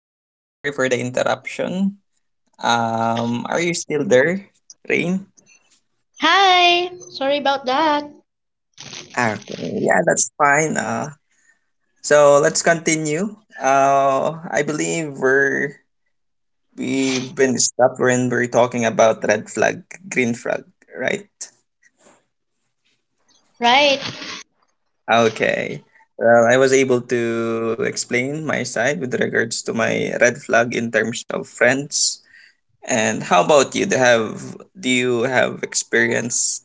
So I'm sorry for the interruption. Are you still there, Rain? Hi, sorry about that. Okay, yeah, that's fine. So let's continue. I believe we've been stopped when we're talking about red flag, green flag, right? Right. Okay. Well, I was able to explain my side with regards to my red flag in terms of friends. And how about you? Do you have experience?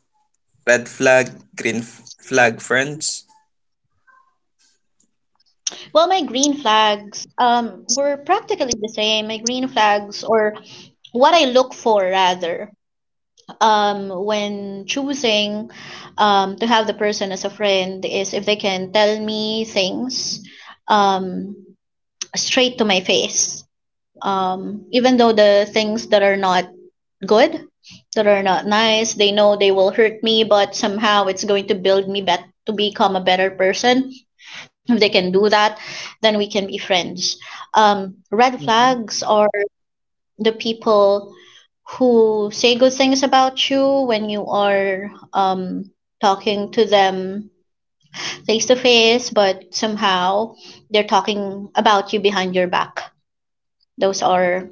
Red flag, flag friends. Well, my green flags were practically the same. My green flags or what I look for rather when choosing to have the person as a friend is if they can tell me things um straight to my face. Even though the things that are not good, that are not nice, they know they will hurt me, but somehow it's going to build me bet to become a better person, if they can do that then we can be friends. Red Mm-hmm. flags are the people who say good things about you when you are, talking to them face to face, but somehow they're talking about you behind your back. Those are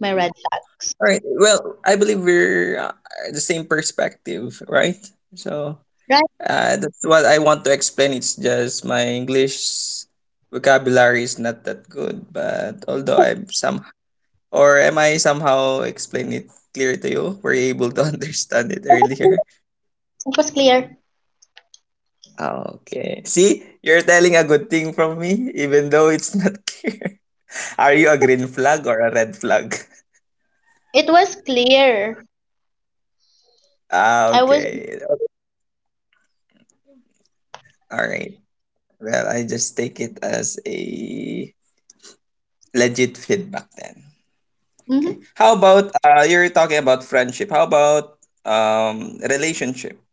my red flags. All right. Well, I believe we're the same perspective, right? So Right. That's what I want to explain. It's just my English vocabulary is not that good, but although I'm some, or am I somehow explain it clear to you? Were you able to understand it earlier? It was clear. Okay. See, you're telling a good thing from me, even though it's not clear. Are you a green flag or a red flag? It was clear. Ah, I was. okay. All right. Well, I just take it as a legit feedback then. Okay. Hmm. How about you're talking about friendship. How about relationship,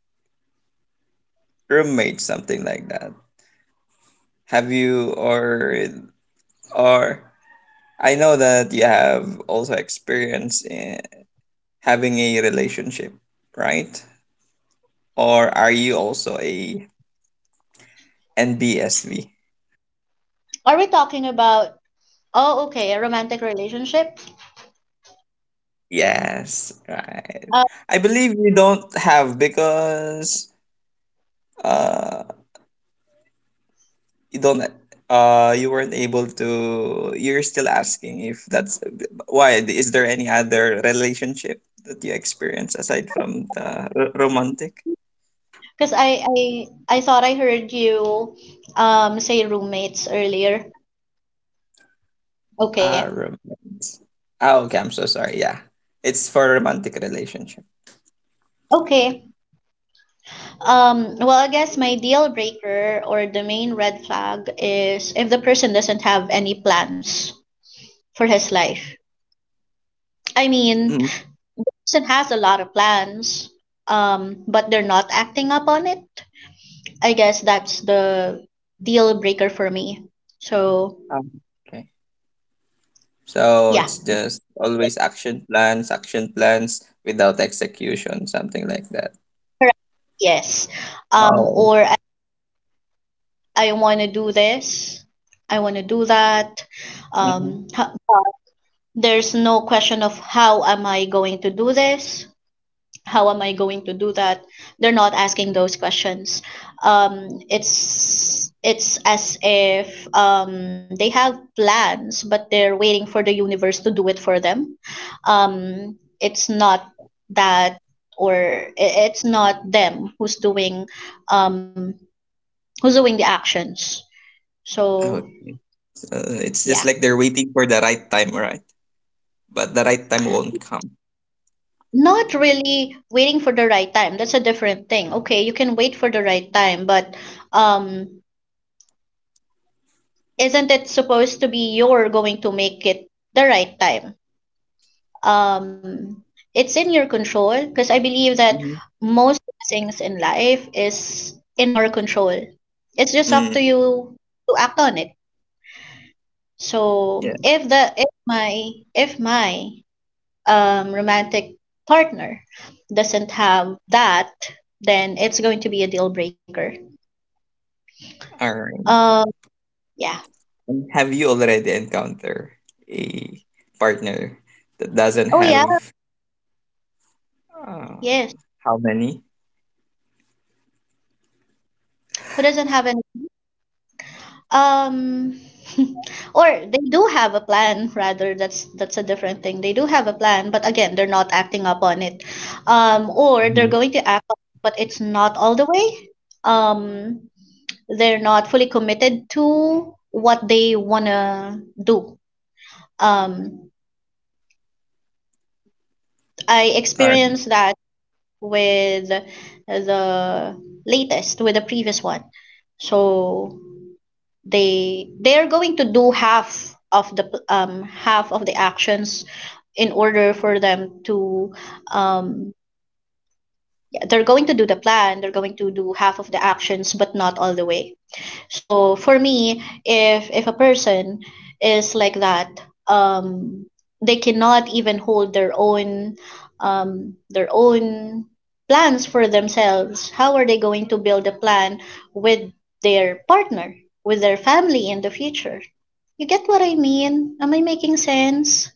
roommates, something like that? Have you or I know that you have also experience in having a relationship, right? Or are you also a NBSV? Are we talking about, oh okay, a romantic relationship? Yes, right. I believe you don't have because uh you don't you weren't able to you're still asking if that's why. Is there any other relationship that you experience aside from the romantic? Because I thought I heard you say roommates earlier. Ah, Okay. romance. Ah, okay, I'm so sorry. Yeah. It's for romantic relationship. Okay. Well I guess my deal breaker or the main red flag is if the person doesn't have any plans for his life. I mean, Mm. person has a lot of plans, but they're not acting up on it. I guess that's the deal breaker for me. So Um, okay. So yeah, it's just always action plans without execution, something like that. correct. Yes. Oh. Or I want to do this, I want to do that. Mm-hmm. Um, ho- there's no question of how am I going to do this, how am I going to do that. They're not asking those questions. It's as if they have plans, but they're waiting for the universe to do it for them. It's not that, or it's not them who's doing, um, who's doing the actions. Oh, So okay. So, it's just yeah. like they're waiting for the right time, right? But the right time won't come. Not really waiting for the right time. That's a different thing. Okay, you can wait for the right time, but um, isn't it supposed to be you're going to make it the right time? Um, it's in your control because I believe that Mm-hmm. most things in life is in our control. It's just up to Mm, you to act on it. So yeah. if my romantic partner doesn't have that, then it's going to be a deal breaker. All right. Um, yeah. And have you already encountered a partner that doesn't Oh yeah, have? uh, yes. how many? Who doesn't have any um or they do have a plan rather, that's a different thing. They do have a plan, but again, they're not acting up on it. Or they're Hmm. going to act up, but it's not all the way. Um they're not fully committed to what they want to do. Um I Or experienced that with the latest, with the previous one. So they're going to do half of half of the actions in order for them to, um yeah, they're going to do the plan, they're going to do half of the actions but not all the way. So for me, if a person is like that, um, they cannot even hold their own, their own plans for themselves. How are they going to build a plan with their partner, with their family in the future? You get what I mean? Am I making sense?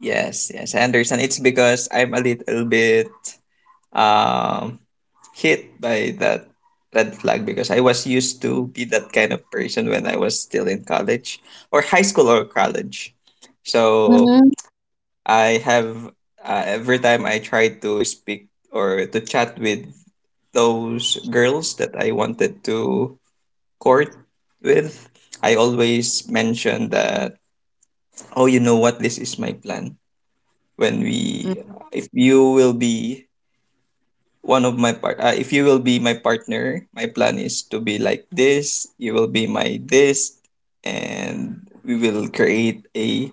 yes, yes, I understand. It's because I'm a little bit um, hit by that red flag, because I was used to be that kind of person when I was still in college, or high school or college. So Hmm. I have, every time I try to speak or to chat with those girls that I wanted to court with, I always mention that, oh, you know what, this is my plan. When Mm. we, if you will be one of my part if you will be my partner, my plan is to be like this, you will be my this, and we will create a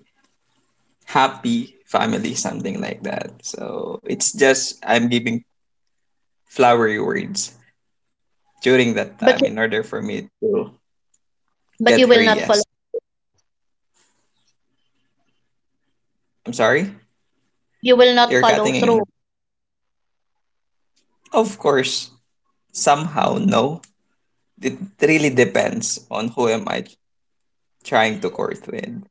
happy family, something like that. So it's just I'm giving flowery words during that But time in order for me to but you get her. will not follow. Yes, I'm sorry, You will not you're follow cutting through. in. Of course, somehow, no, it really depends on who am I trying to court with.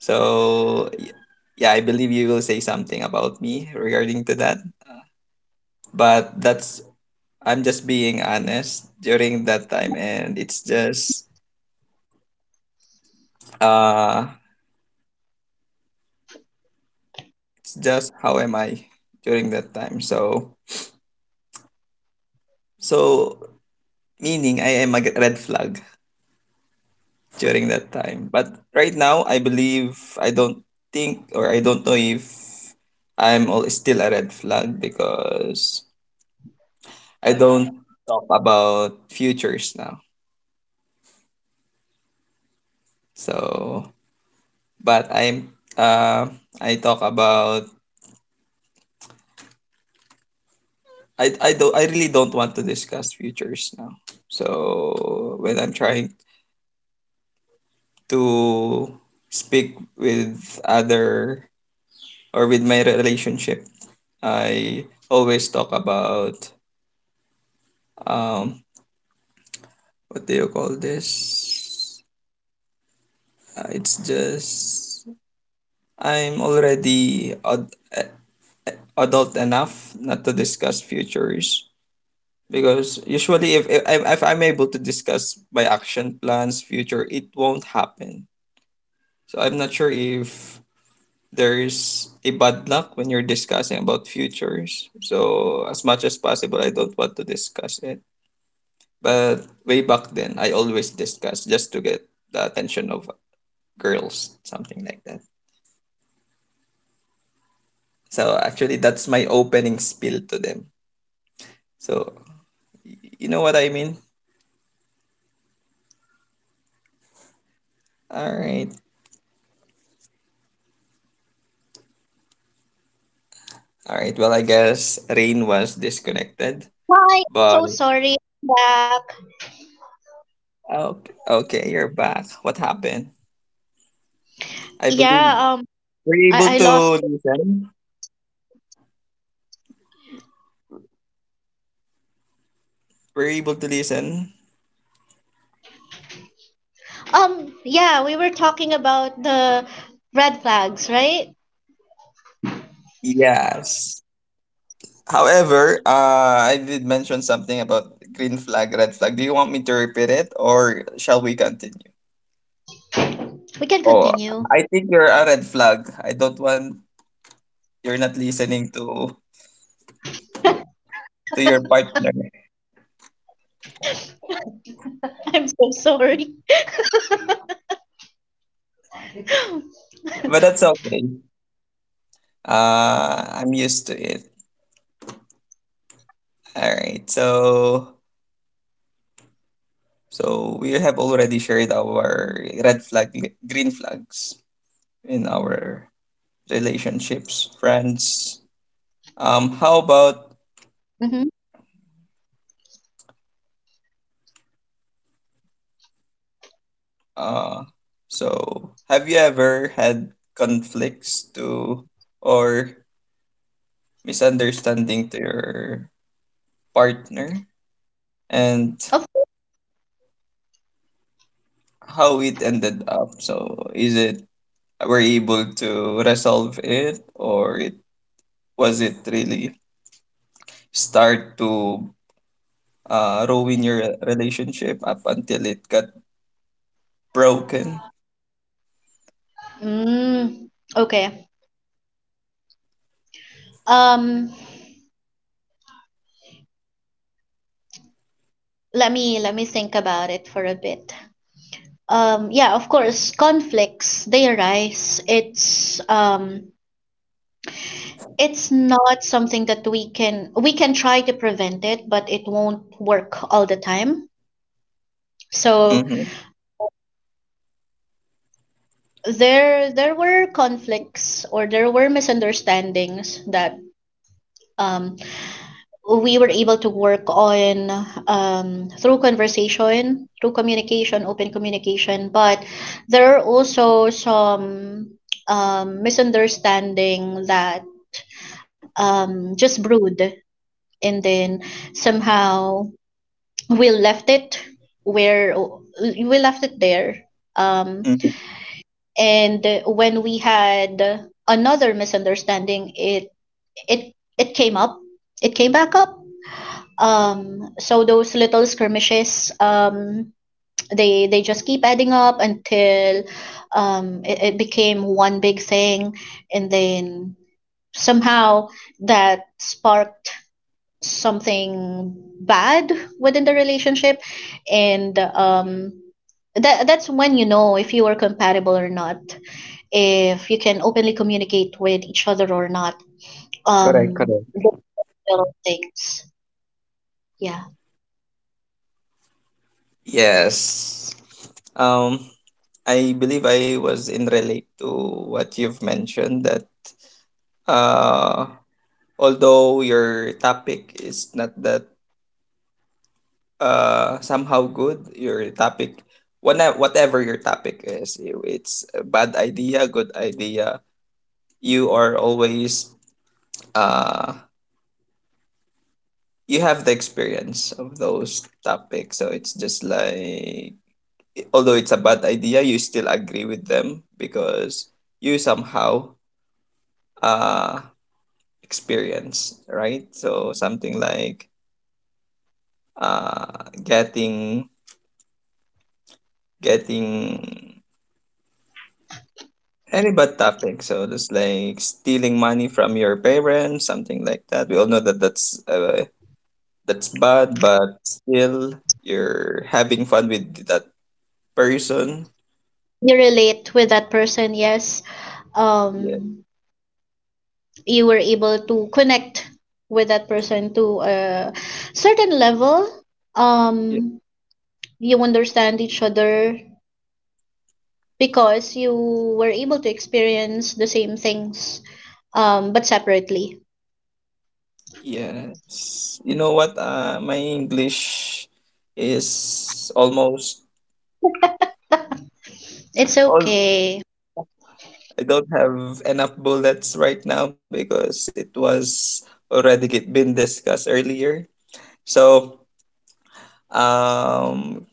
So yeah, I believe you will say something about me regarding to that. But that's, I'm just being honest during that time, and uh it's just how am I during that time. So meaning I am a red flag during that time. But right now I believe I don't think, or I don't know if still a red flag, because I don't talk about futures now. So but I'm uh, I talk about, I really don't want to discuss futures now. So when I'm trying to speak with other or with my relationship, I always talk about um what do you call this? It's just I'm already ad- adult enough not to discuss futures, because usually if I'm able to discuss my action plans future, it won't happen. So I'm not sure if there is a bad luck when you're discussing about futures, so as much as possible I don't want to discuss it. But way back then, I always discuss just to get the attention of girls, something like that. So actually that's my opening spiel to them. So y- you know what I mean. All right. All right, well, I guess Rain was disconnected. Why? I'm But so sorry. I'm back. okay, okay, you're back. What happened? I Yeah. believe Um. we're able I to lost. listen. We're able to listen. Yeah, we were talking about the red flags, right? Yes. However, I did mention something about green flag, red flag. Do you want me to repeat it, or shall we continue? We can Oh, continue. I think you're a red flag. I don't want, you're not listening to your partner, I'm so sorry. but that's okay. I'm used to it. All right, so. So we have already shared our red flag, green flags in our relationships, friends. How about Mm-hmm. uh, so have you ever had conflicts to or misunderstanding to your partner, and Of, how it ended up? So is it, were you able to resolve it, or it really start to ruin your relationship up until it got broken. mm, okay. Um, let me think about it for a bit. Yeah, of course, conflicts they arise. It's not something that we can try to prevent it, but it won't work all the time. So Mm-hmm. there were conflicts or there were misunderstandings that, um, we were able to work on, through conversation, through communication, open communication. But there are also some, misunderstanding that, just brewed, and then somehow we left it where we left it there, um, Hmm. and when we had another misunderstanding, it it came up, it came back up. So those little skirmishes, they just keep adding up until, um, it became one big thing, and then somehow that sparked something bad within the relationship. And um, that's when you know if you are compatible or not, if you can openly communicate with each other or not. Correct, correct. The little things. Yeah, Yes. Um, I believe I was in relate to what you've mentioned that uh, although your topic is not that somehow good, your topic, whatever your topic is, it's a bad idea, good idea, you are always uh, you have the experience of those topics, so it's just like although it's a bad idea you still agree with them because you somehow uh experience, right? So something like uh, getting any bad topic, so just like stealing money from your parents, something like that. We all know that that's bad, but still you're having fun with that person. you relate with that person. Yes. Yeah. Um, you were able to connect with that person to a certain level. Um, you understand each other because you were able to experience the same things, but separately. Yes. You know what? My English is almost It's all. okay. I don't have enough bullets right now because it was been discussed earlier. So, um,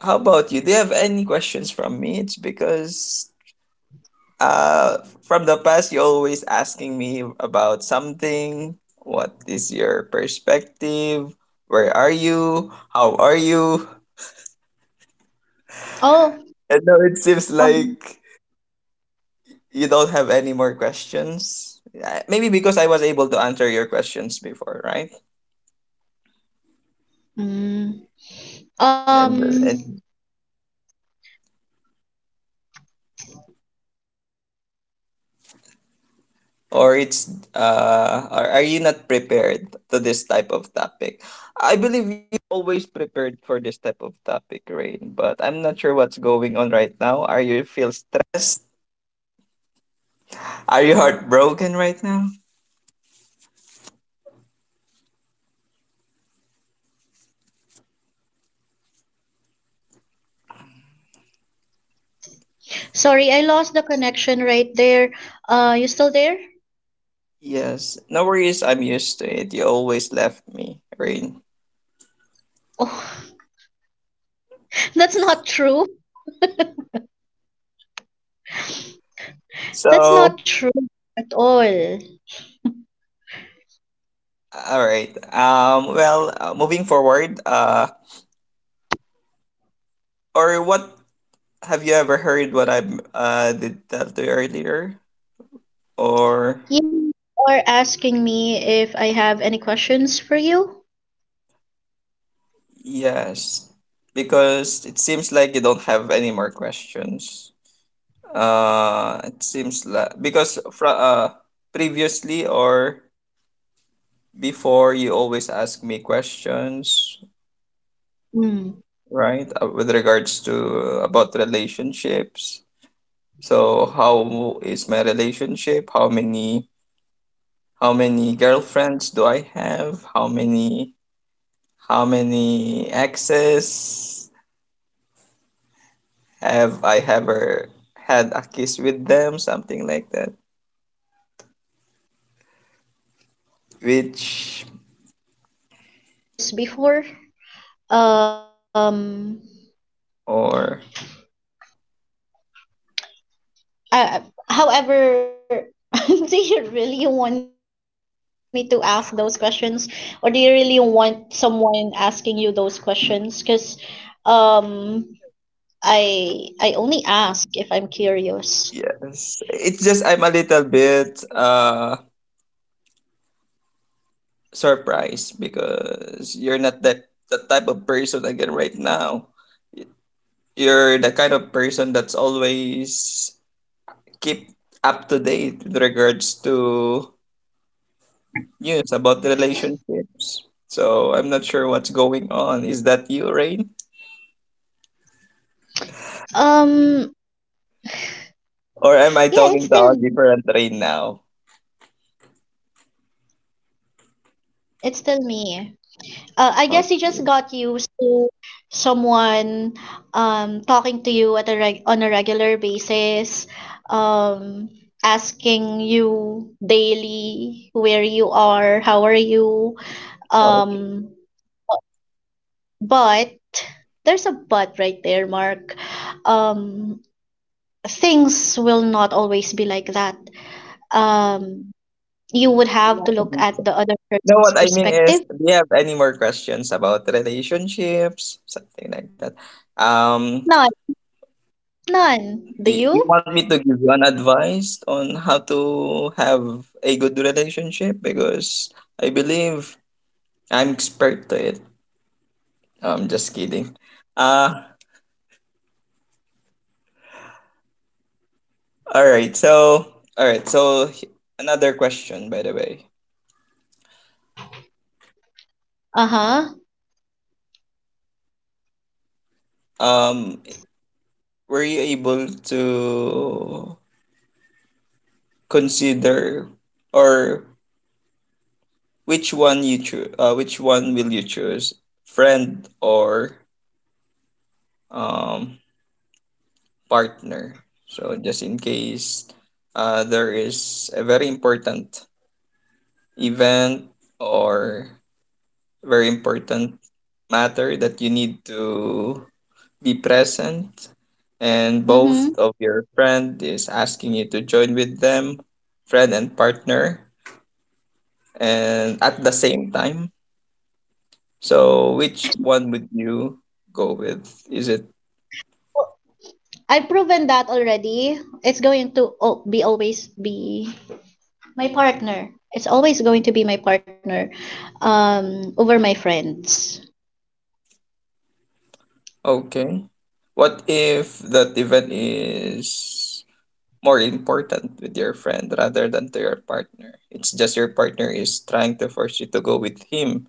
how about you? Do you have any questions from me? It's because from the past, you're always asking me about something. What is your perspective? Where are you? How are you? Oh. And now it seems Um, like you don't have any more questions. Yeah, maybe because I was able to answer your questions before, right? mm, um. And or it's or are you not prepared to this type of topic? I believe you always prepared for this type of topic, Rain, but I'm not sure what's going on right now. Are you feel stressed? Are you heartbroken right now? Sorry, I lost the connection right there. You still there? Yes. No worries, I'm used to it. You always left me, Rain. Oh, that's not true. That's So, not true at all. all right. Well, moving forward. Or what, have you ever heard what I did tell to you earlier? Or You are asking me if I have any questions for you? yes, because it seems like you don't have any more questions. It seems like because from previously or before you always ask me questions, Hmm. right? With regards to about relationships. So how is my relationship? How many girlfriends do I have? How many exes have I ever had a kiss with them? Something like that. Um, Which well, I was just curious before. Um, or uh, however, do you really want me to ask those questions, or do you really want someone asking you those questions? Because, um, I only ask if I'm curious. yes. It's just I'm a little bit surprised because you're not that the type of person again right now. You're the kind of person that's always keep up to date with regards to news about the relationships. So I'm not sure what's going on. Is that you, Rain? Um, Or am I yeah, it's talking to a still, different Rain now? it's still me. I guess you Okay. just got used to someone talking to you at a regular basis, um asking you daily where you are, how are you. Oh, okay. Um, but there's a but right there, Mark. Um, things will not always be like that. Um, you would Yeah, have to I look think so. at the other No, person's what I mean is, perspective. do you have any more questions about relationships, something like that? Um, None. None. do Do you you? want me to give you an advice on how to have a good relationship? Because I believe I'm expert to it. No, I'm just kidding. Uh, All right. So, another question, by the way. Uh-huh. Um, were you able to consider or which one you choose? Which one will you choose, friend or um partner? So, just in case, there is a very important event, or very important matter, that you need to be present, and Mm-hmm. both of your friend is asking you to join with them, friend and partner, and at the same time, so which one would you go with? Is it I've proven that already. It's going to al- be always be my partner. It's always going to be my partner, over my friends. okay, what if that event is more important with your friend rather than to your partner? It's just your partner is trying to force you to go with him,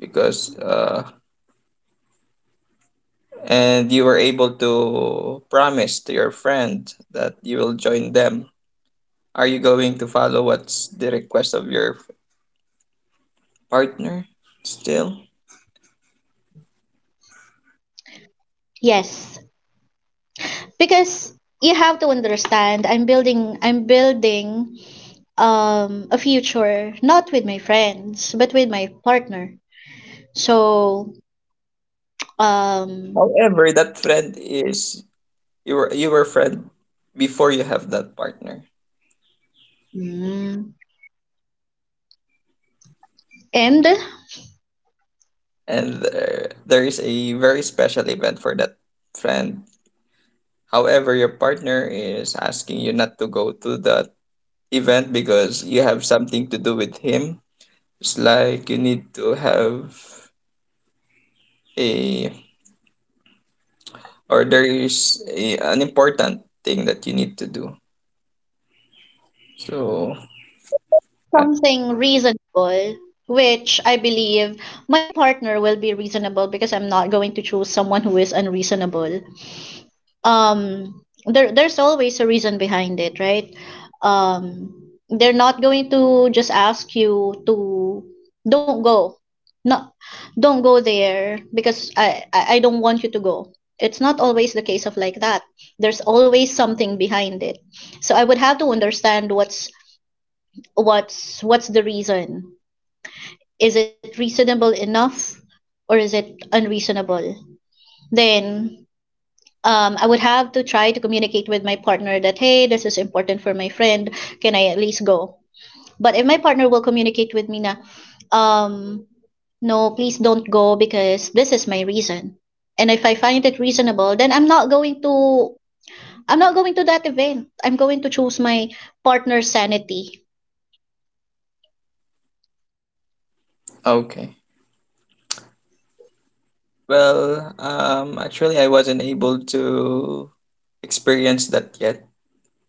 because and you were able to promise to your friend that you will join them, are you going to follow what's the request of your partner still? Yes. Because you have to understand I'm building, a future not with my friends but with my partner. So um, However, that friend is your friend before you have that partner, mm, and and there is a very special event for that friend. However, your partner is asking you not to go to that event because you have something to do with him. It's like you need to have a, or there is a, an important thing that you need to do. So, uh, something reasonable, which I believe my partner will be reasonable because I'm not going to choose someone who is unreasonable. Um, there's always a reason behind it, right? Um, they're not going to just ask you to don't go, not don't go there because I don't want you to go. It's not always the case of like that. There's always something behind it. So I would have to understand what's what's the reason, is it reasonable enough or is it unreasonable. Then, I would have to try to communicate with my partner that, hey, this is important for my friend, can I at least go. But if my partner will communicate with me, na, um, no please don't go because this is my reason. And if I find it reasonable then i'm not going to that event, I'm going to choose my partner's sanity. okay. Well, actually, I wasn't able to experience that yet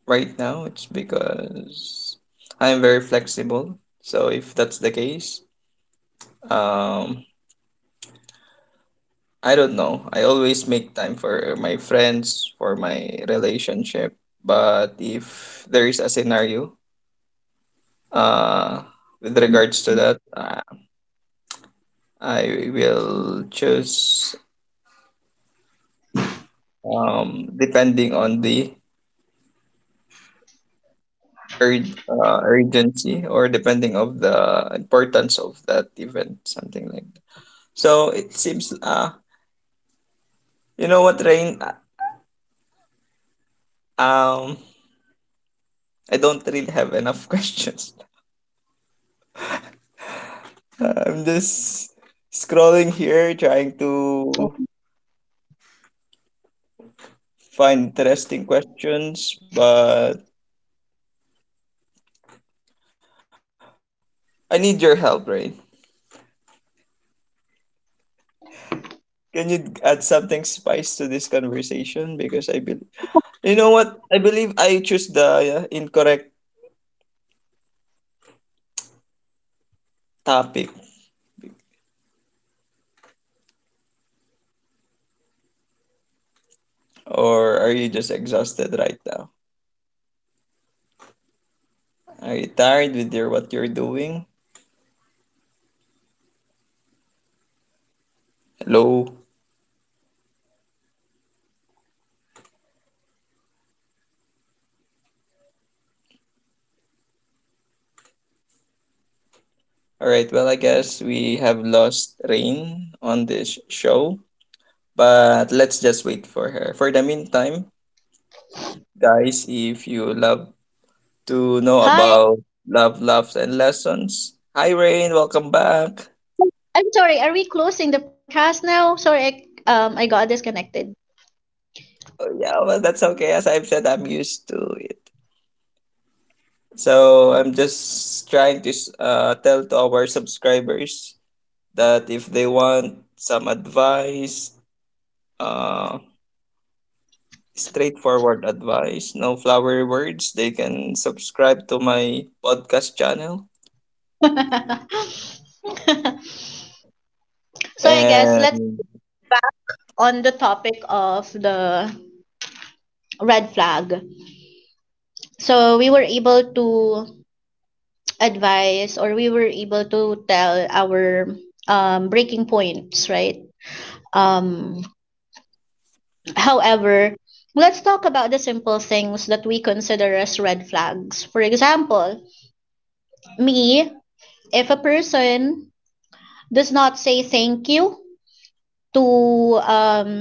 right now. It's because I'm very flexible. So, if that's the case, um, I don't know. I always make time for my friends, for my relationship. But if there is a scenario, uh, with regards to that, I will choose depending on the urgency or depending of the importance of that event, something like that. So it seems you know what Rain um I don't really have enough questions. I'm just Oh, scrolling here trying to find interesting questions, but I need your help, Rain. Can you add something spice to this conversation because I believe you know what? I believe I choose the incorrect topic. Or are you just exhausted right now? Are you tired with your what you're doing? Hello. All right. Well, I guess we have lost Rain on this show, but let's just wait for her. For the meantime, guys, if you love to know hi. about love, loves, and lessons, hi Rain, welcome back. I'm sorry, are we closing the podcast now? Sorry, I got disconnected. Oh, yeah, well, that's okay. As I've said, I'm used to it. So I'm just trying to tell to our subscribers that if they want some advice, uh, straightforward advice, no flowery words, they can subscribe to my podcast channel. So I guess let's, And on the topic of the red flag. So we were able to advise, or we were able to tell our, breaking points, right? Um, however, let's talk about the simple things that we consider as red flags. For example, me, if a person does not say thank you to,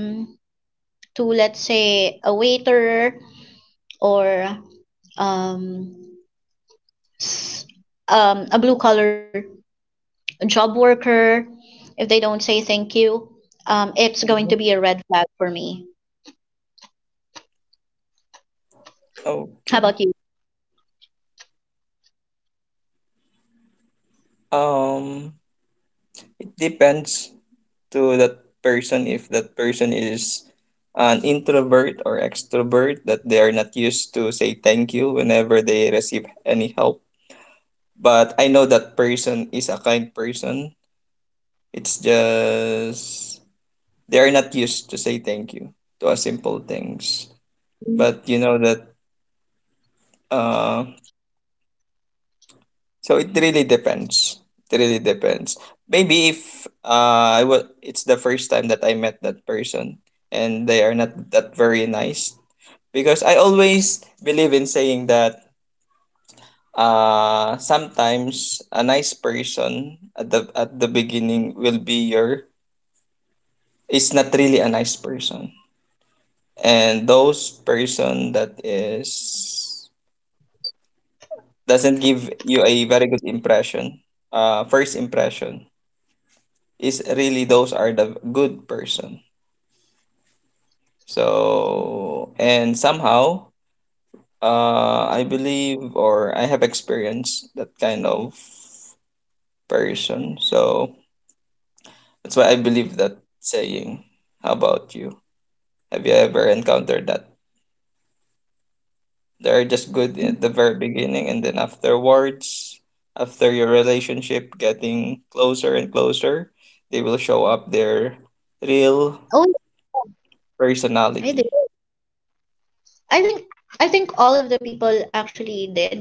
to let's say a waiter, or um s- a blue collar job worker, if they don't say thank you, it's going to be a red flag for me. How okay, about you? um, it depends to that person if that person is an introvert or extrovert that they are not used to say thank you whenever they receive any help, but I know that person is a kind person. It's just they are not used to say thank you to a simple things. But you know that uh so it really depends. It really depends. Maybe if I was it's the first time that I met that person and they are not that very nice, because I always believe in saying that sometimes a nice person at the beginning will be your is not really a nice person, and those person that is doesn't give you a very good impression, first impression, is really those are the good person. So and somehow I believe or I have experienced that kind of person, so that's why I believe that saying. How about you, have you ever encountered that? They're just good at the very beginning, and then afterwards, after your relationship getting closer and closer, they will show up their real Oh, I did. personality. I think, I think all of the people actually did.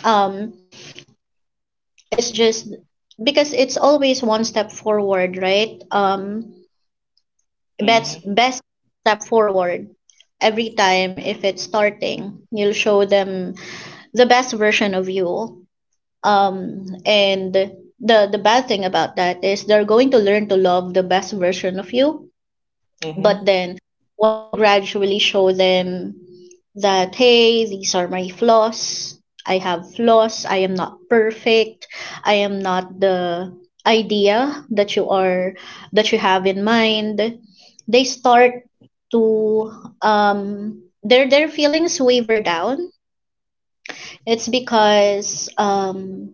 um it's just because it's always one step forward, right? um best Mm-hmm. best step forward every time. If it's starting you'll show them the best version of you. And the bad thing about that is they're going to learn to love the best version of you. But Mm-hmm. then, once you gradually show them that, hey, these are my flaws, I have flaws, I am not perfect, I am not the idea that you are, that you have in mind, they start to, um their feelings waver down. It's because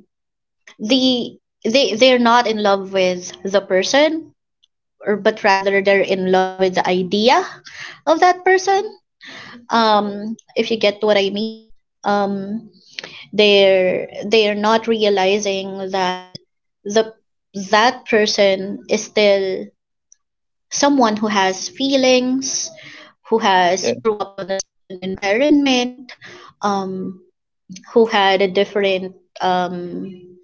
the they're not in love with the person or but rather they're in love with the idea of that person, if you get what I mean. um they're not realizing that the that person is still someone who has feelings, who has Yeah. grew up on a certain environment, um who had a different, um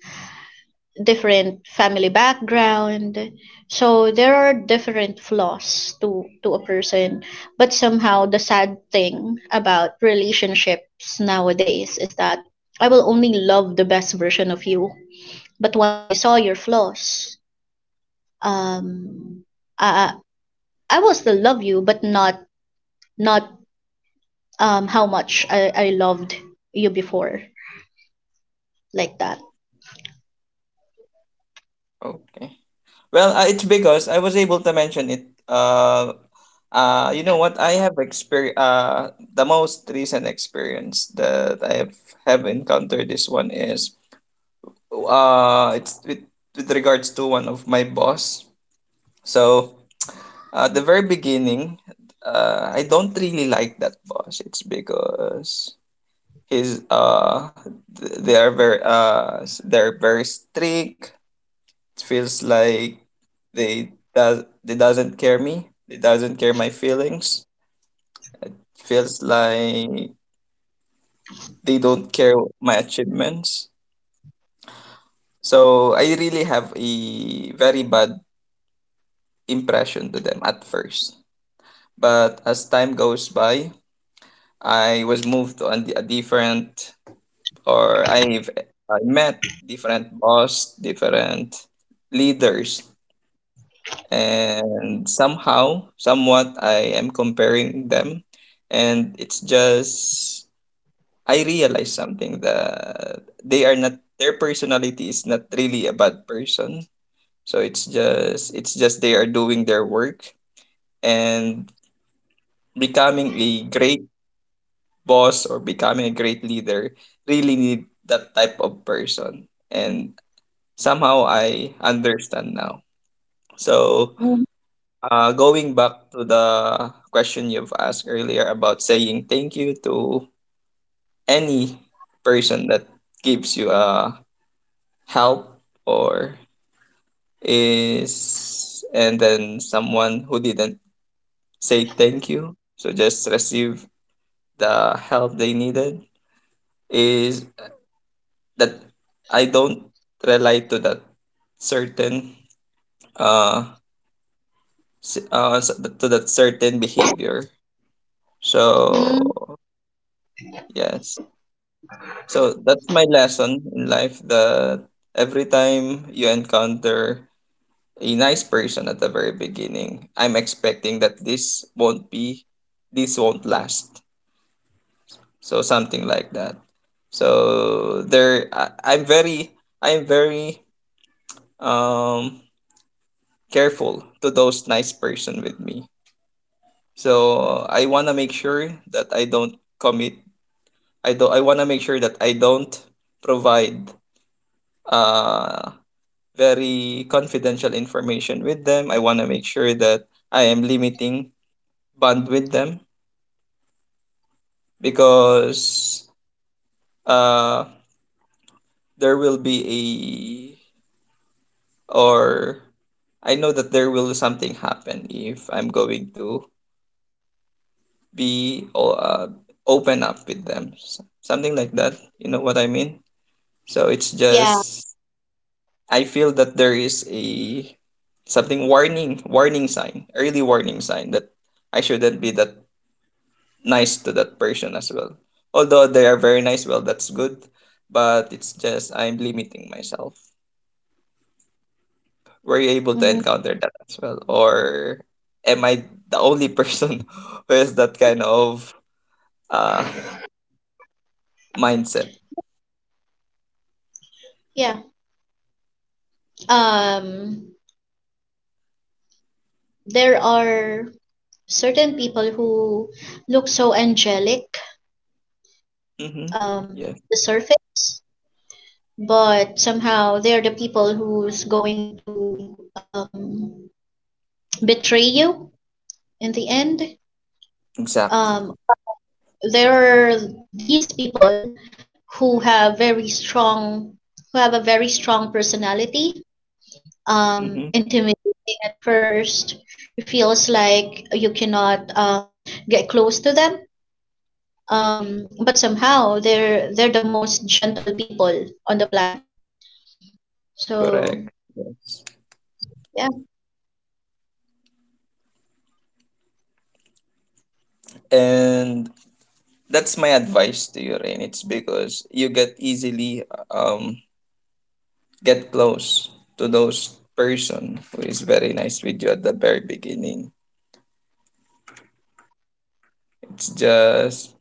different family background. So there are different flaws to a person. But somehow the sad thing about relationships nowadays is that I will only love the best version of you, but once I saw your flaws, um i I will still love you, but not not how much I loved you before, like that. Okay. Well, it's because I was able to mention it. You know what? I have experience. The most recent experience that I have encountered this one is it's with regards to one of my boss. So the very beginning, I don't really like that boss. It's because he's they are very they're very strict. It feels like they does they doesn't care me. They doesn't care my feelings. Feels like they don't care my achievements. So I really have a very bad impression to them at first. But as time goes by, I was moved to a different or I've met different boss, different leaders, and somehow, somewhat, I am comparing them, and it's just I realize something that they are not their personality is not really a bad person. So it's just they are doing their work, and becoming a great boss or becoming a great leader really need that type of person, and somehow I understand now. So, Mm, going back to the question you've asked earlier about saying thank you to any person that gives you a help or is, and then someone who didn't say thank you, so just receive the help they needed, is that I don't relate to that certain uh, s- uh s- to that certain behavior. mm, So, yes. So that's my lesson in life that every time you encounter a nice person at the very beginning, I'm expecting that this won't last. So something like that. So there, I'm very um careful to those nice person with me. So I wanna make sure that I don't commit. I don't. I wanna make sure that I don't provide uh, very confidential information with them. I want to make sure that I am limiting bond with them, because uh, there will be a or I know that there will something happen if I'm going to be open up with them. Something like that. You know what I mean? So it's yeah, just I feel that there is a something warning, warning sign, early warning sign that I shouldn't be that nice to that person as well. Although they are very nice, well, that's good, but it's just I'm limiting myself. Were you able to mm, encounter that as well, or am I the only person who has that kind of uh mindset? yeah. um there are certain people who look so angelic, Mm-hmm. um Yeah, the surface, but somehow they're the people who's going to, um betray you in the end. exactly. um there are these people who have very strong who have a very strong personality, Mm-hmm. intimidating at first. It feels like you cannot get close to them, but somehow they're the most gentle people on the planet. Correct. So Yes. yeah. And that's my advice to you, Rain. It's because you get easily um get close to those person who is very nice with you at the very beginning. It's just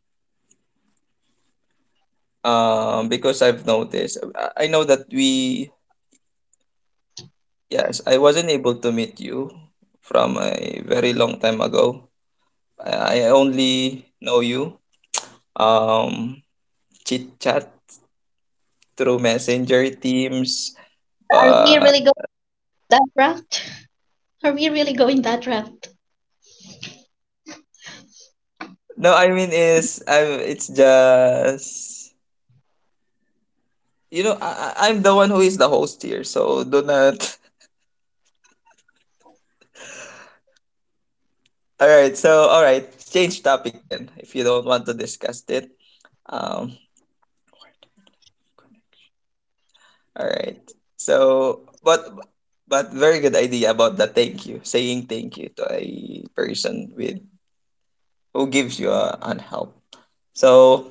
because I've noticed. I know that we, yes, I wasn't able to meet you from a very long time ago. I only know you um chit chat through messenger teams, Are we but really going that route? Are we really going that route? no, I mean is I it's just. You know, I'm the one who is the host here, so do not. All right, so all right, change topic then if you don't want to discuss it. Um, all right. But but very good idea about the thank you, saying thank you to a person with who gives you a, an help. So,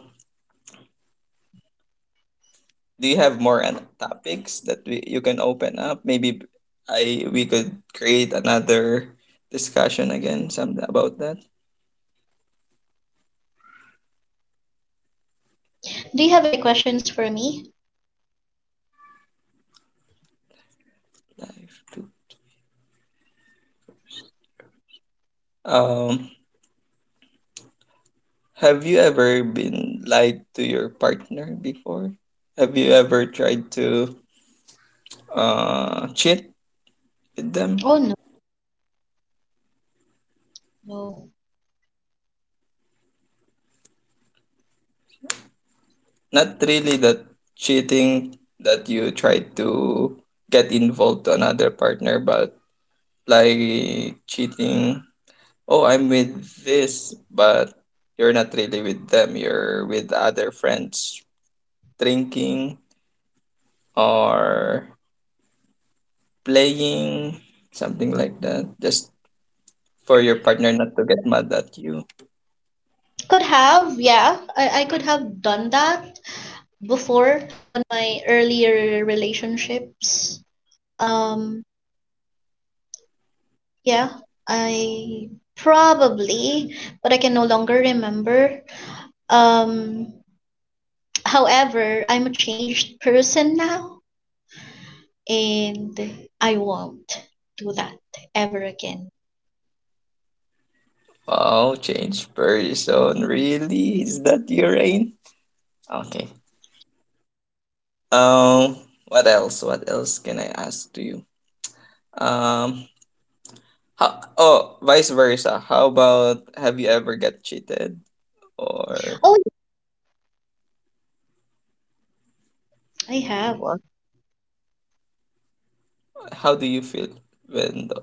do you have more an, topics that you can open up? Maybe I we could create another discussion again something about that. Do you have any questions for me? Life. Um, Have you ever been lied to your partner before? Have you ever tried to cheat with them? Oh, no, no. Not really that cheating that you try to get involved to another partner, but like cheating. Oh, I'm with this, but you're not really with them. You're with other friends, drinking or playing, something like that. Just for your partner not to get mad at you. Could have, yeah, I could have done that before, on my earlier relationships. um yeah, I probably, but I can no longer remember. um However, I'm a changed person now, and I won't do that ever again. Wow, change person. Really? Is that your rain? Okay. Um, what else? What else can I ask to you? Um, oh, vice versa. How about have you ever got cheated? Or Oh, I have. what? How do you feel when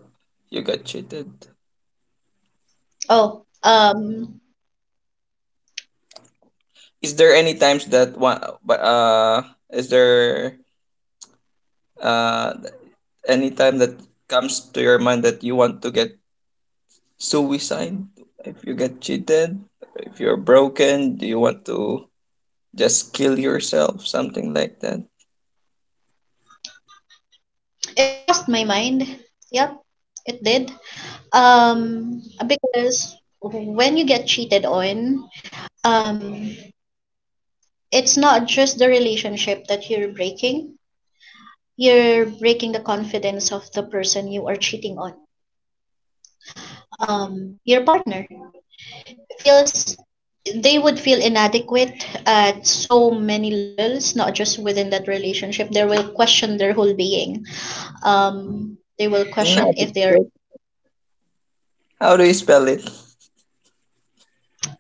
you got cheated? Oh, Is there any times that one but is there uh any time that comes to your mind that you want to get suicide if you get cheated, if you're broken, do you want to just kill yourself, something like that? it crossed my mind. Yep, it did. Because when you get cheated on, um, it's not just the relationship that you're breaking. You're breaking the confidence of the person you are cheating on, your partner. Feels they would feel inadequate at so many levels, not just within that relationship. They will question their whole being, um, they will question if they're Inadequate, how do you spell it?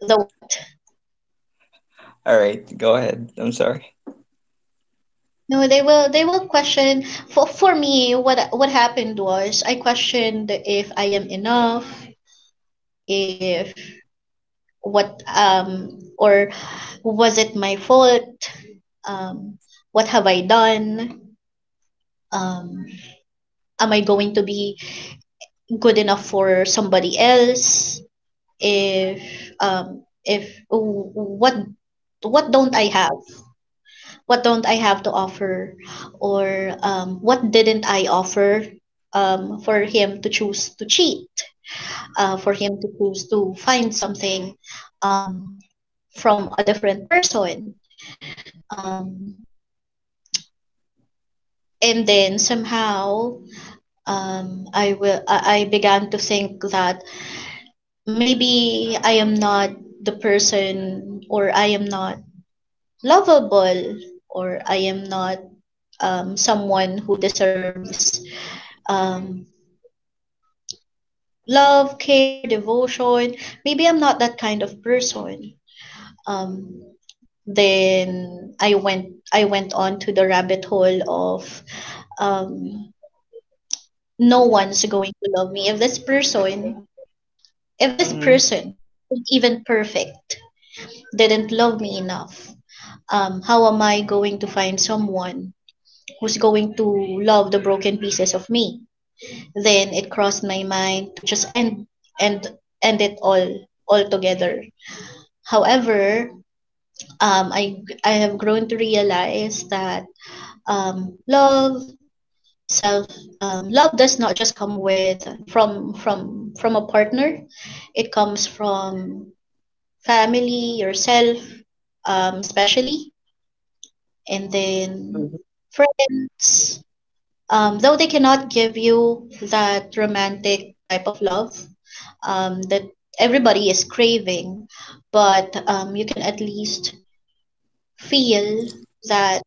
the what? All right, go ahead, I'm sorry. No, they will question. For me, what happened was I questioned if I am enough. If what, um, or was it my fault? Um, what have I done? Um, am I going to be good enough for somebody else? If, um, if, w- what what don't I have? What don't I have to offer? Or, um, what didn't I offer, um, for him to choose to cheat, uh, for him to choose to find something, um, from a different person? Um, and then somehow, um, I will I began to think that maybe I am not the person, or I am not lovable, or I am not, someone who deserves, um, love, care, devotion. Maybe I'm not that kind of person. Um, then I went on to the rabbit hole of, um, no one's going to love me if this person if this Mm-hmm. person isn't even perfect, didn't love me enough. How am I going to find someone who's going to love the broken pieces of me? Then it crossed my mind to just end and end it all altogether. However, um, I I have grown to realize that, love self, love does not just come with from from a partner. It comes from family, yourself, especially, and then friends, though they cannot give you that romantic type of love, that everybody is craving, but, you can at least feel that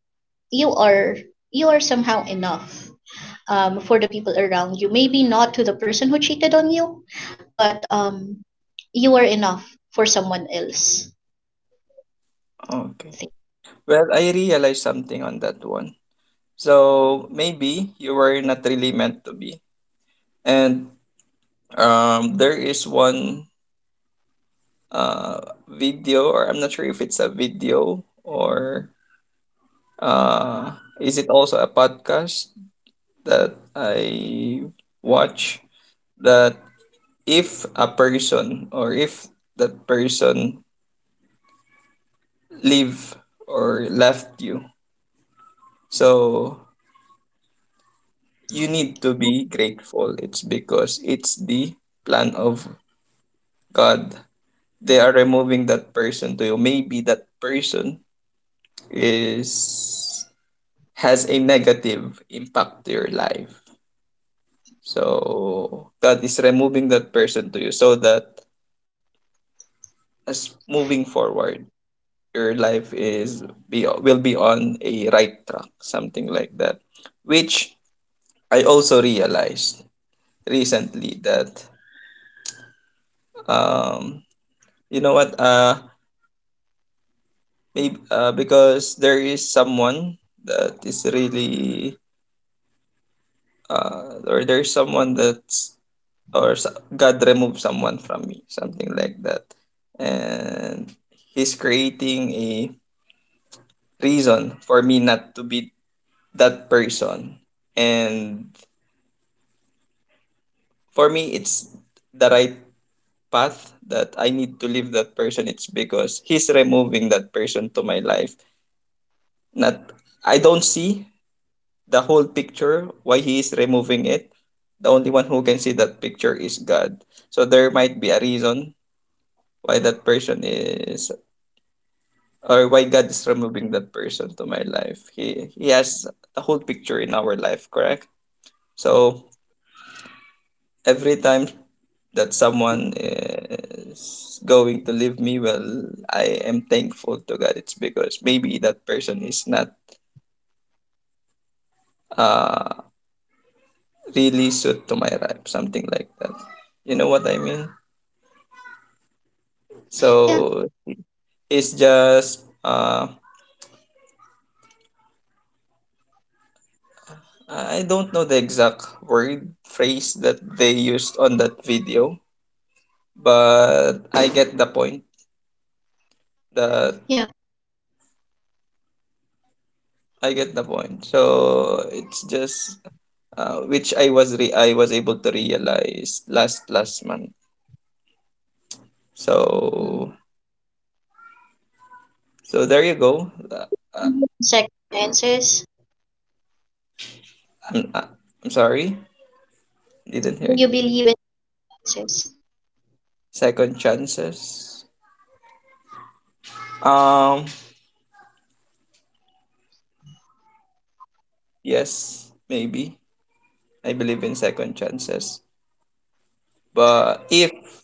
you are, you are somehow enough, for the people around you. Maybe not to the person who cheated on you, but, you are enough for someone else, Okay, think. well, I realized something on that one. So maybe you were not really meant to be, and there is one uh video, or I'm not sure if it's a video or uh is it also a podcast, that I watch, that if a person or if that person leave or left you, so you need to be grateful. It's because it's the plan of God. They are removing that person to you. Maybe that person is has a negative impact to your life. So God is removing that person to you so that as moving forward your life is be will be on a right track, something like that, which I also realized recently that um you know what, maybe because there is someone that is really or there's someone that's or God removed someone from me, something like that, and he's creating a reason for me not to be that person, and for me it's the right path that I need to leave that person. It's because he's removing that person to my life. Not I don't see the whole picture why he is removing it. The only one who can see that picture is God. So there might be a reason why that person is or why God is removing that person to my life. He has the whole picture in our life, correct? So every time that someone is going to leave me, well, I am thankful to God. It's because maybe that person is not uh really suit to my life, something like that, you know what I mean? Yeah. So it's just I don't know the exact word phrase that they used on that video, but I get the point that Yeah. I get the point. So it's just which I was I was able to realize last last month. So so there you go. Uh, Mm. Second chances. I'm uh, I'm sorry, didn't Do hear. you believe in chances? Second chances. Um yes, maybe I believe in second chances. But if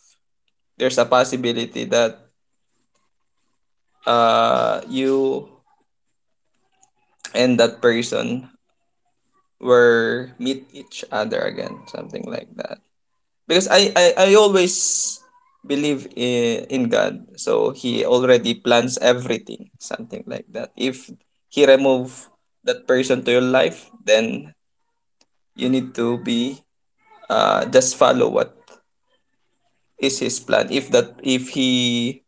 there's a possibility that you and that person were meet each other again, something like that. Because I always believe in God, so He already plans everything, something like that. If He remove that person to your life, then you need to be just follow what is His plan. If He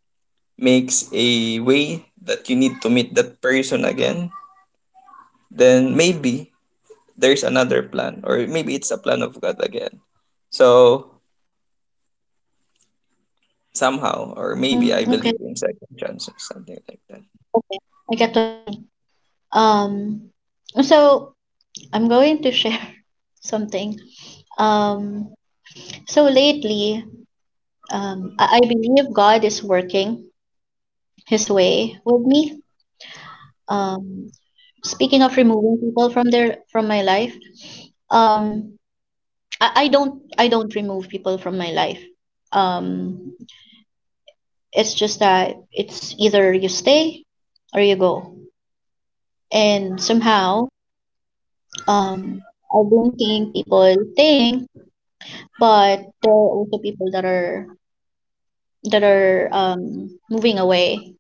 makes a way that you need to meet that person again, then maybe there's another plan, or maybe it's a plan of God again. So somehow, or maybe Mm, I okay, believe in second chances, something like that. okay. I get what you mean. Um, so I'm going to share something. Um, so lately, I believe God is working His way with me. Um, speaking of removing people from their from my life, um, I don't remove people from my life. Um, it's just that it's either you stay or you go, and somehow, um, I don't think people staying, but there are also people that are moving away.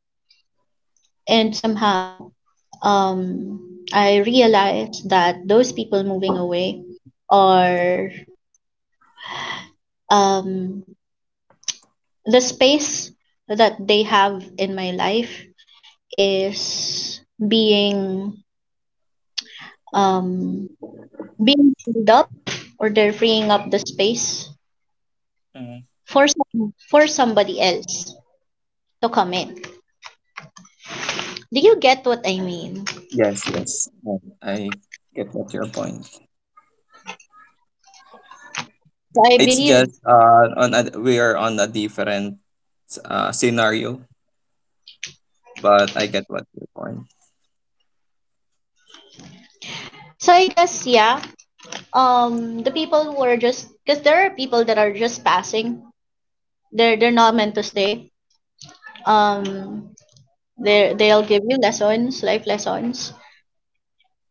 And somehow, um, I realized that those people moving away are, um, the space that they have in my life is being, um, being freed up, or they're freeing up the space Mm. For somebody else to come in. Do you get what I mean? Yes, yes, yeah, I get what your point. So I It's just believe. On a, we are on a different scenario, but I get what your point. So I guess yeah. The people who are just, because there are people that are just passing. They're not meant to stay. Um, they'll give you lessons, life lessons,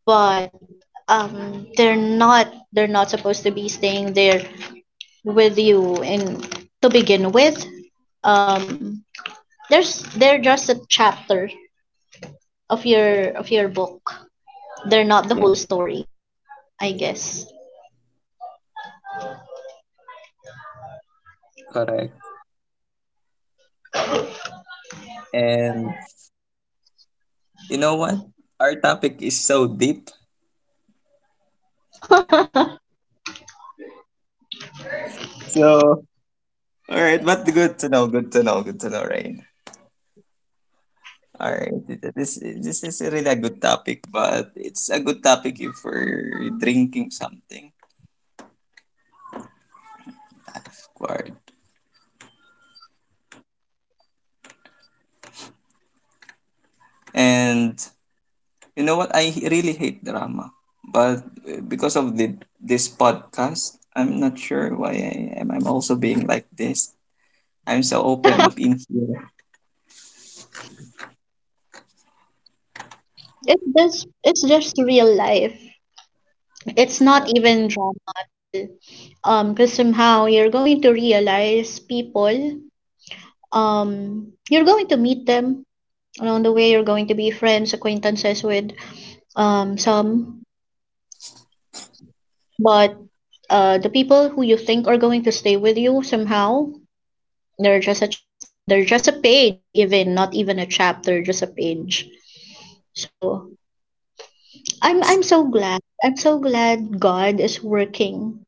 but, they're not supposed to be staying there with you in to begin with. Um, there's they're just a chapter of your book. They're not the Yeah, whole story, I guess. correct. And you know what? Our topic is so deep. So all right, but good to know. Good to know. Good to know, Rain. All right, this is really a good topic, but it's a good topic if we're drinking something, of course. And you know what? I really hate drama, but because of the this podcast, I'm not sure why I am. I'm also being like this. I'm so open up in here. It's just real life. It's not even drama at all. Because somehow you're going to realize people. You're going to meet them along the way. You're going to be friends, acquaintances with, um, some, but, uh, the people who you think are going to stay with you somehow, they're just a chapter. They're just a page, even not even a chapter, just a page. So I'm so glad. I'm so glad God is working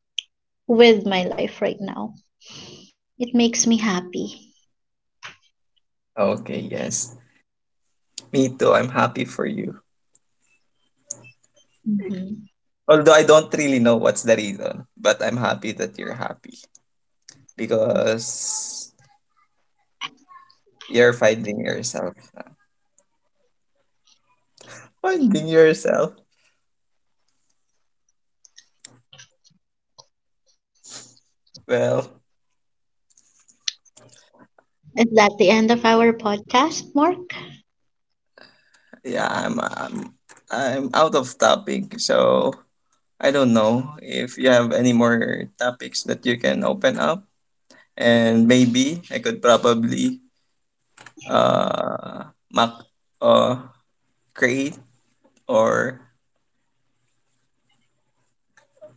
with my life right now. It makes me happy. Okay, yes. Me too. I'm happy for you. Mhm. Although I don't really know what's the reason, but I'm happy that you're happy because you're finding yourself. Finding yourself. Well, Is that the end of our podcast, Mark? yeah, I'm out of topic, so I don't know if you have any more topics that you can open up, and maybe I could probably mock uh create, or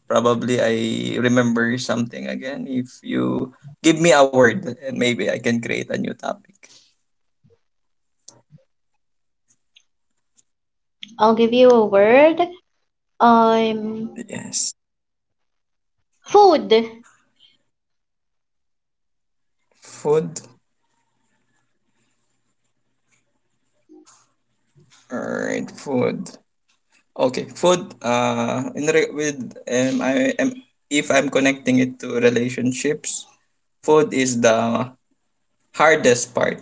probably I remember something again. If you give me a word, and maybe I can create a new topic. I'll give you a word. Um, Yes. food. Food. Alright, food. Okay, food. With I am, if I'm connecting it to relationships, food is the hardest part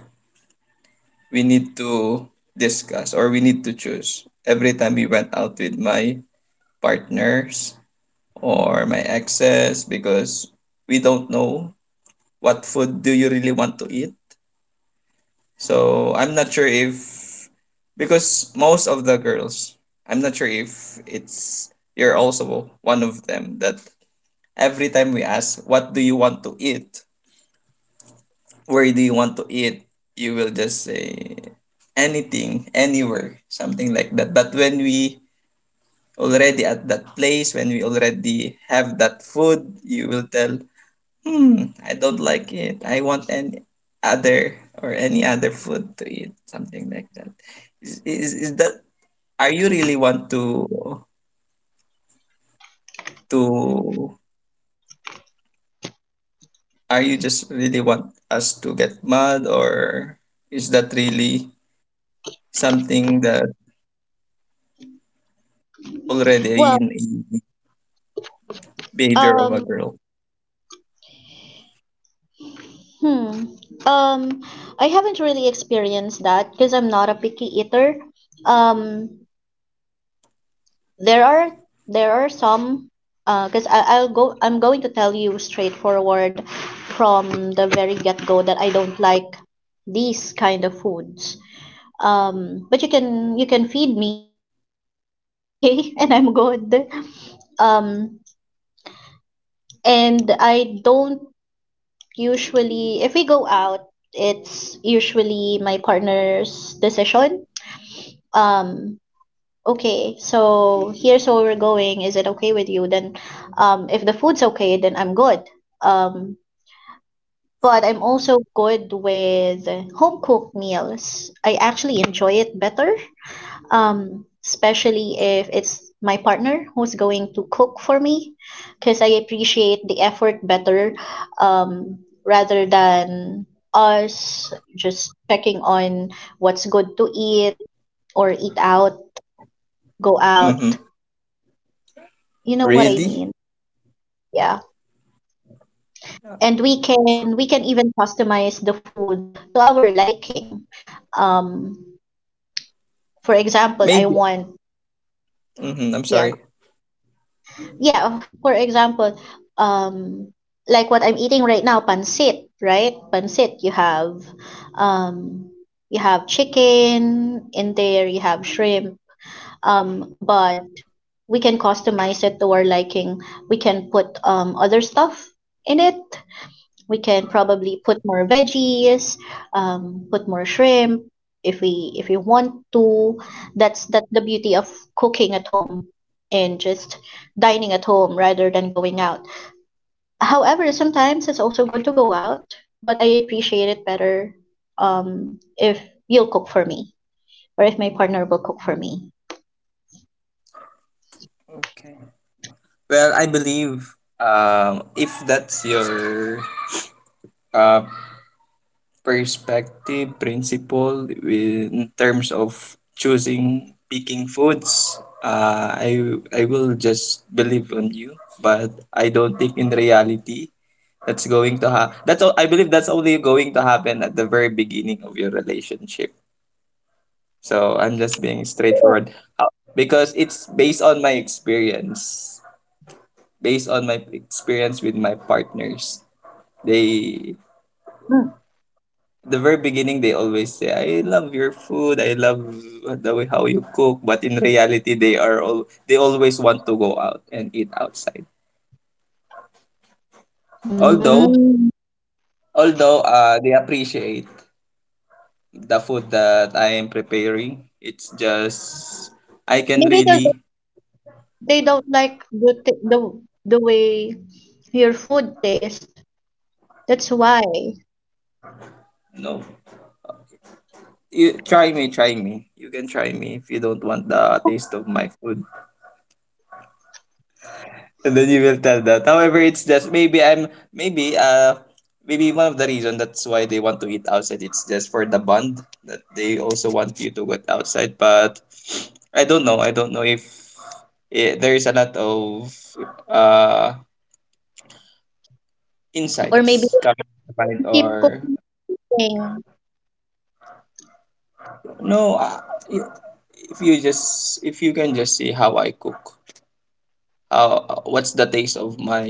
we need to discuss, or we need to choose every time we went out with my partners or my exes, because we don't know what food do you really want to eat. So I'm not sure if, because most of the girls, I'm not sure if it's you're also one of them that every time we ask what do you want to eat, where do you want to eat, you will just say anything, anywhere, something like that. But when we already at that place, when we already have that food, you will tell, hmm, I don't like it, I want any other, or any other food to eat, something like that. Is that, are you really want to, are you just really want us to get mad, or is that really something that already Well, in a behavior of a um, girl? hmm, um, I haven't really experienced that because I'm not a picky eater. Um, there are some, because I'll go. I'm going to tell you straightforward from the very get go that I don't like these kind of foods. But you can feed me chicken every day and I'm good. Um, and I don't usually, if we go out, it's usually my partner's decision. Um, okay, so here's where we're going. Is it okay with you? Then, if the food's okay, then I'm good. Um, but I'm also good with home cooked meals. I actually enjoy it better, um, especially if it's my partner who's going to cook for me, because I appreciate the effort better, um, rather than us just checking on what's good to eat or eat out, go Mm-hmm. out, you know what I Really? mean? Yeah, and we can even customize the food to our liking, um, for example, I Maybe. want, Mm-hmm. I'm yeah. sorry. Yeah, for example, um, like what I'm eating right now, pancit, right? Pancit, um, you have chicken in there, you have shrimp, but we can customize it to our liking. We can put, um, other stuff in it. We can probably put more veggies, put more shrimp if we want to. That's the beauty of cooking at home and just dining at home rather than going out. However, sometimes it's also good to go out, but I appreciate it better, if you'll cook for me or if my partner will cook for me. Okay. Well, I believe, if that's your uh, perspective, principle in terms of choosing, picking foods, uh, I, I will just believe on you. But I don't think in reality that's going to ha. That's all, I believe that's only going to happen at the very beginning of your relationship. So I'm just being straightforward. How- because it's based on my experience, based on my experience with my partners. They Mm. the very beginning they always say, "I love your food. I love the way how you cook," but in reality, they are all they always want to go out and eat outside. Although Mm. although they appreciate the food that I am preparing, it's just I can Maybe really, they don't like the the way your food tastes. That's why. you know. You try me, try me. You can try me if you don't want the taste of my food. And then you will tell that. However, it's just maybe I'm maybe maybe one of the reason that's why they want to eat outside. It's just for the bond that they also want you to go outside. But I don't know. I don't know if, there is a lot of uh Or maybe insights coming to mind, keep or cooking. no. I- if you just, if you can just see how I cook, how what's the taste of my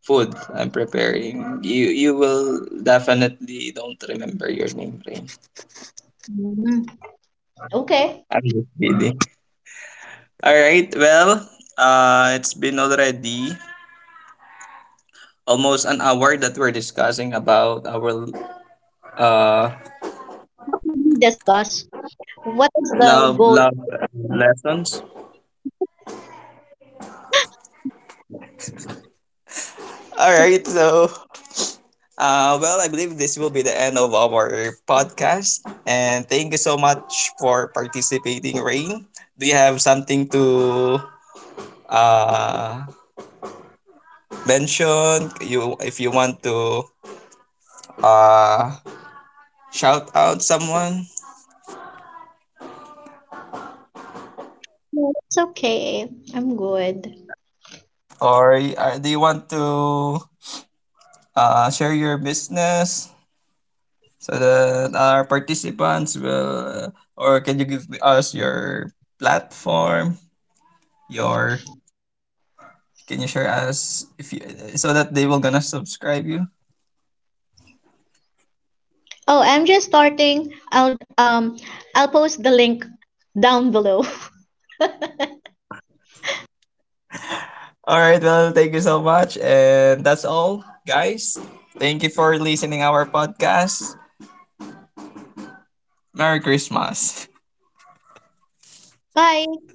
food I'm preparing, you will definitely don't remember your name, Rain. Mm, okay. I'm just kidding. All right. Well, it's been already almost an hour that we're discussing about our uh What did we discuss? What is the love goal? love lessons. All right. So, well, I believe this will be the end of our podcast, and thank you so much for participating, Rain. Do you have something to uh mention you, if you want to uh shout out someone, No, it's okay. I'm good. or do you want to share your business, so that our participants will, or can you give us your platform, your, can you share us if you, so that they will gonna subscribe you. Oh, I'm just starting. I'll post the link down below. All right, well, thank you so much, and that's all, guys. Thank you for listening our podcast. Merry Christmas. Bye.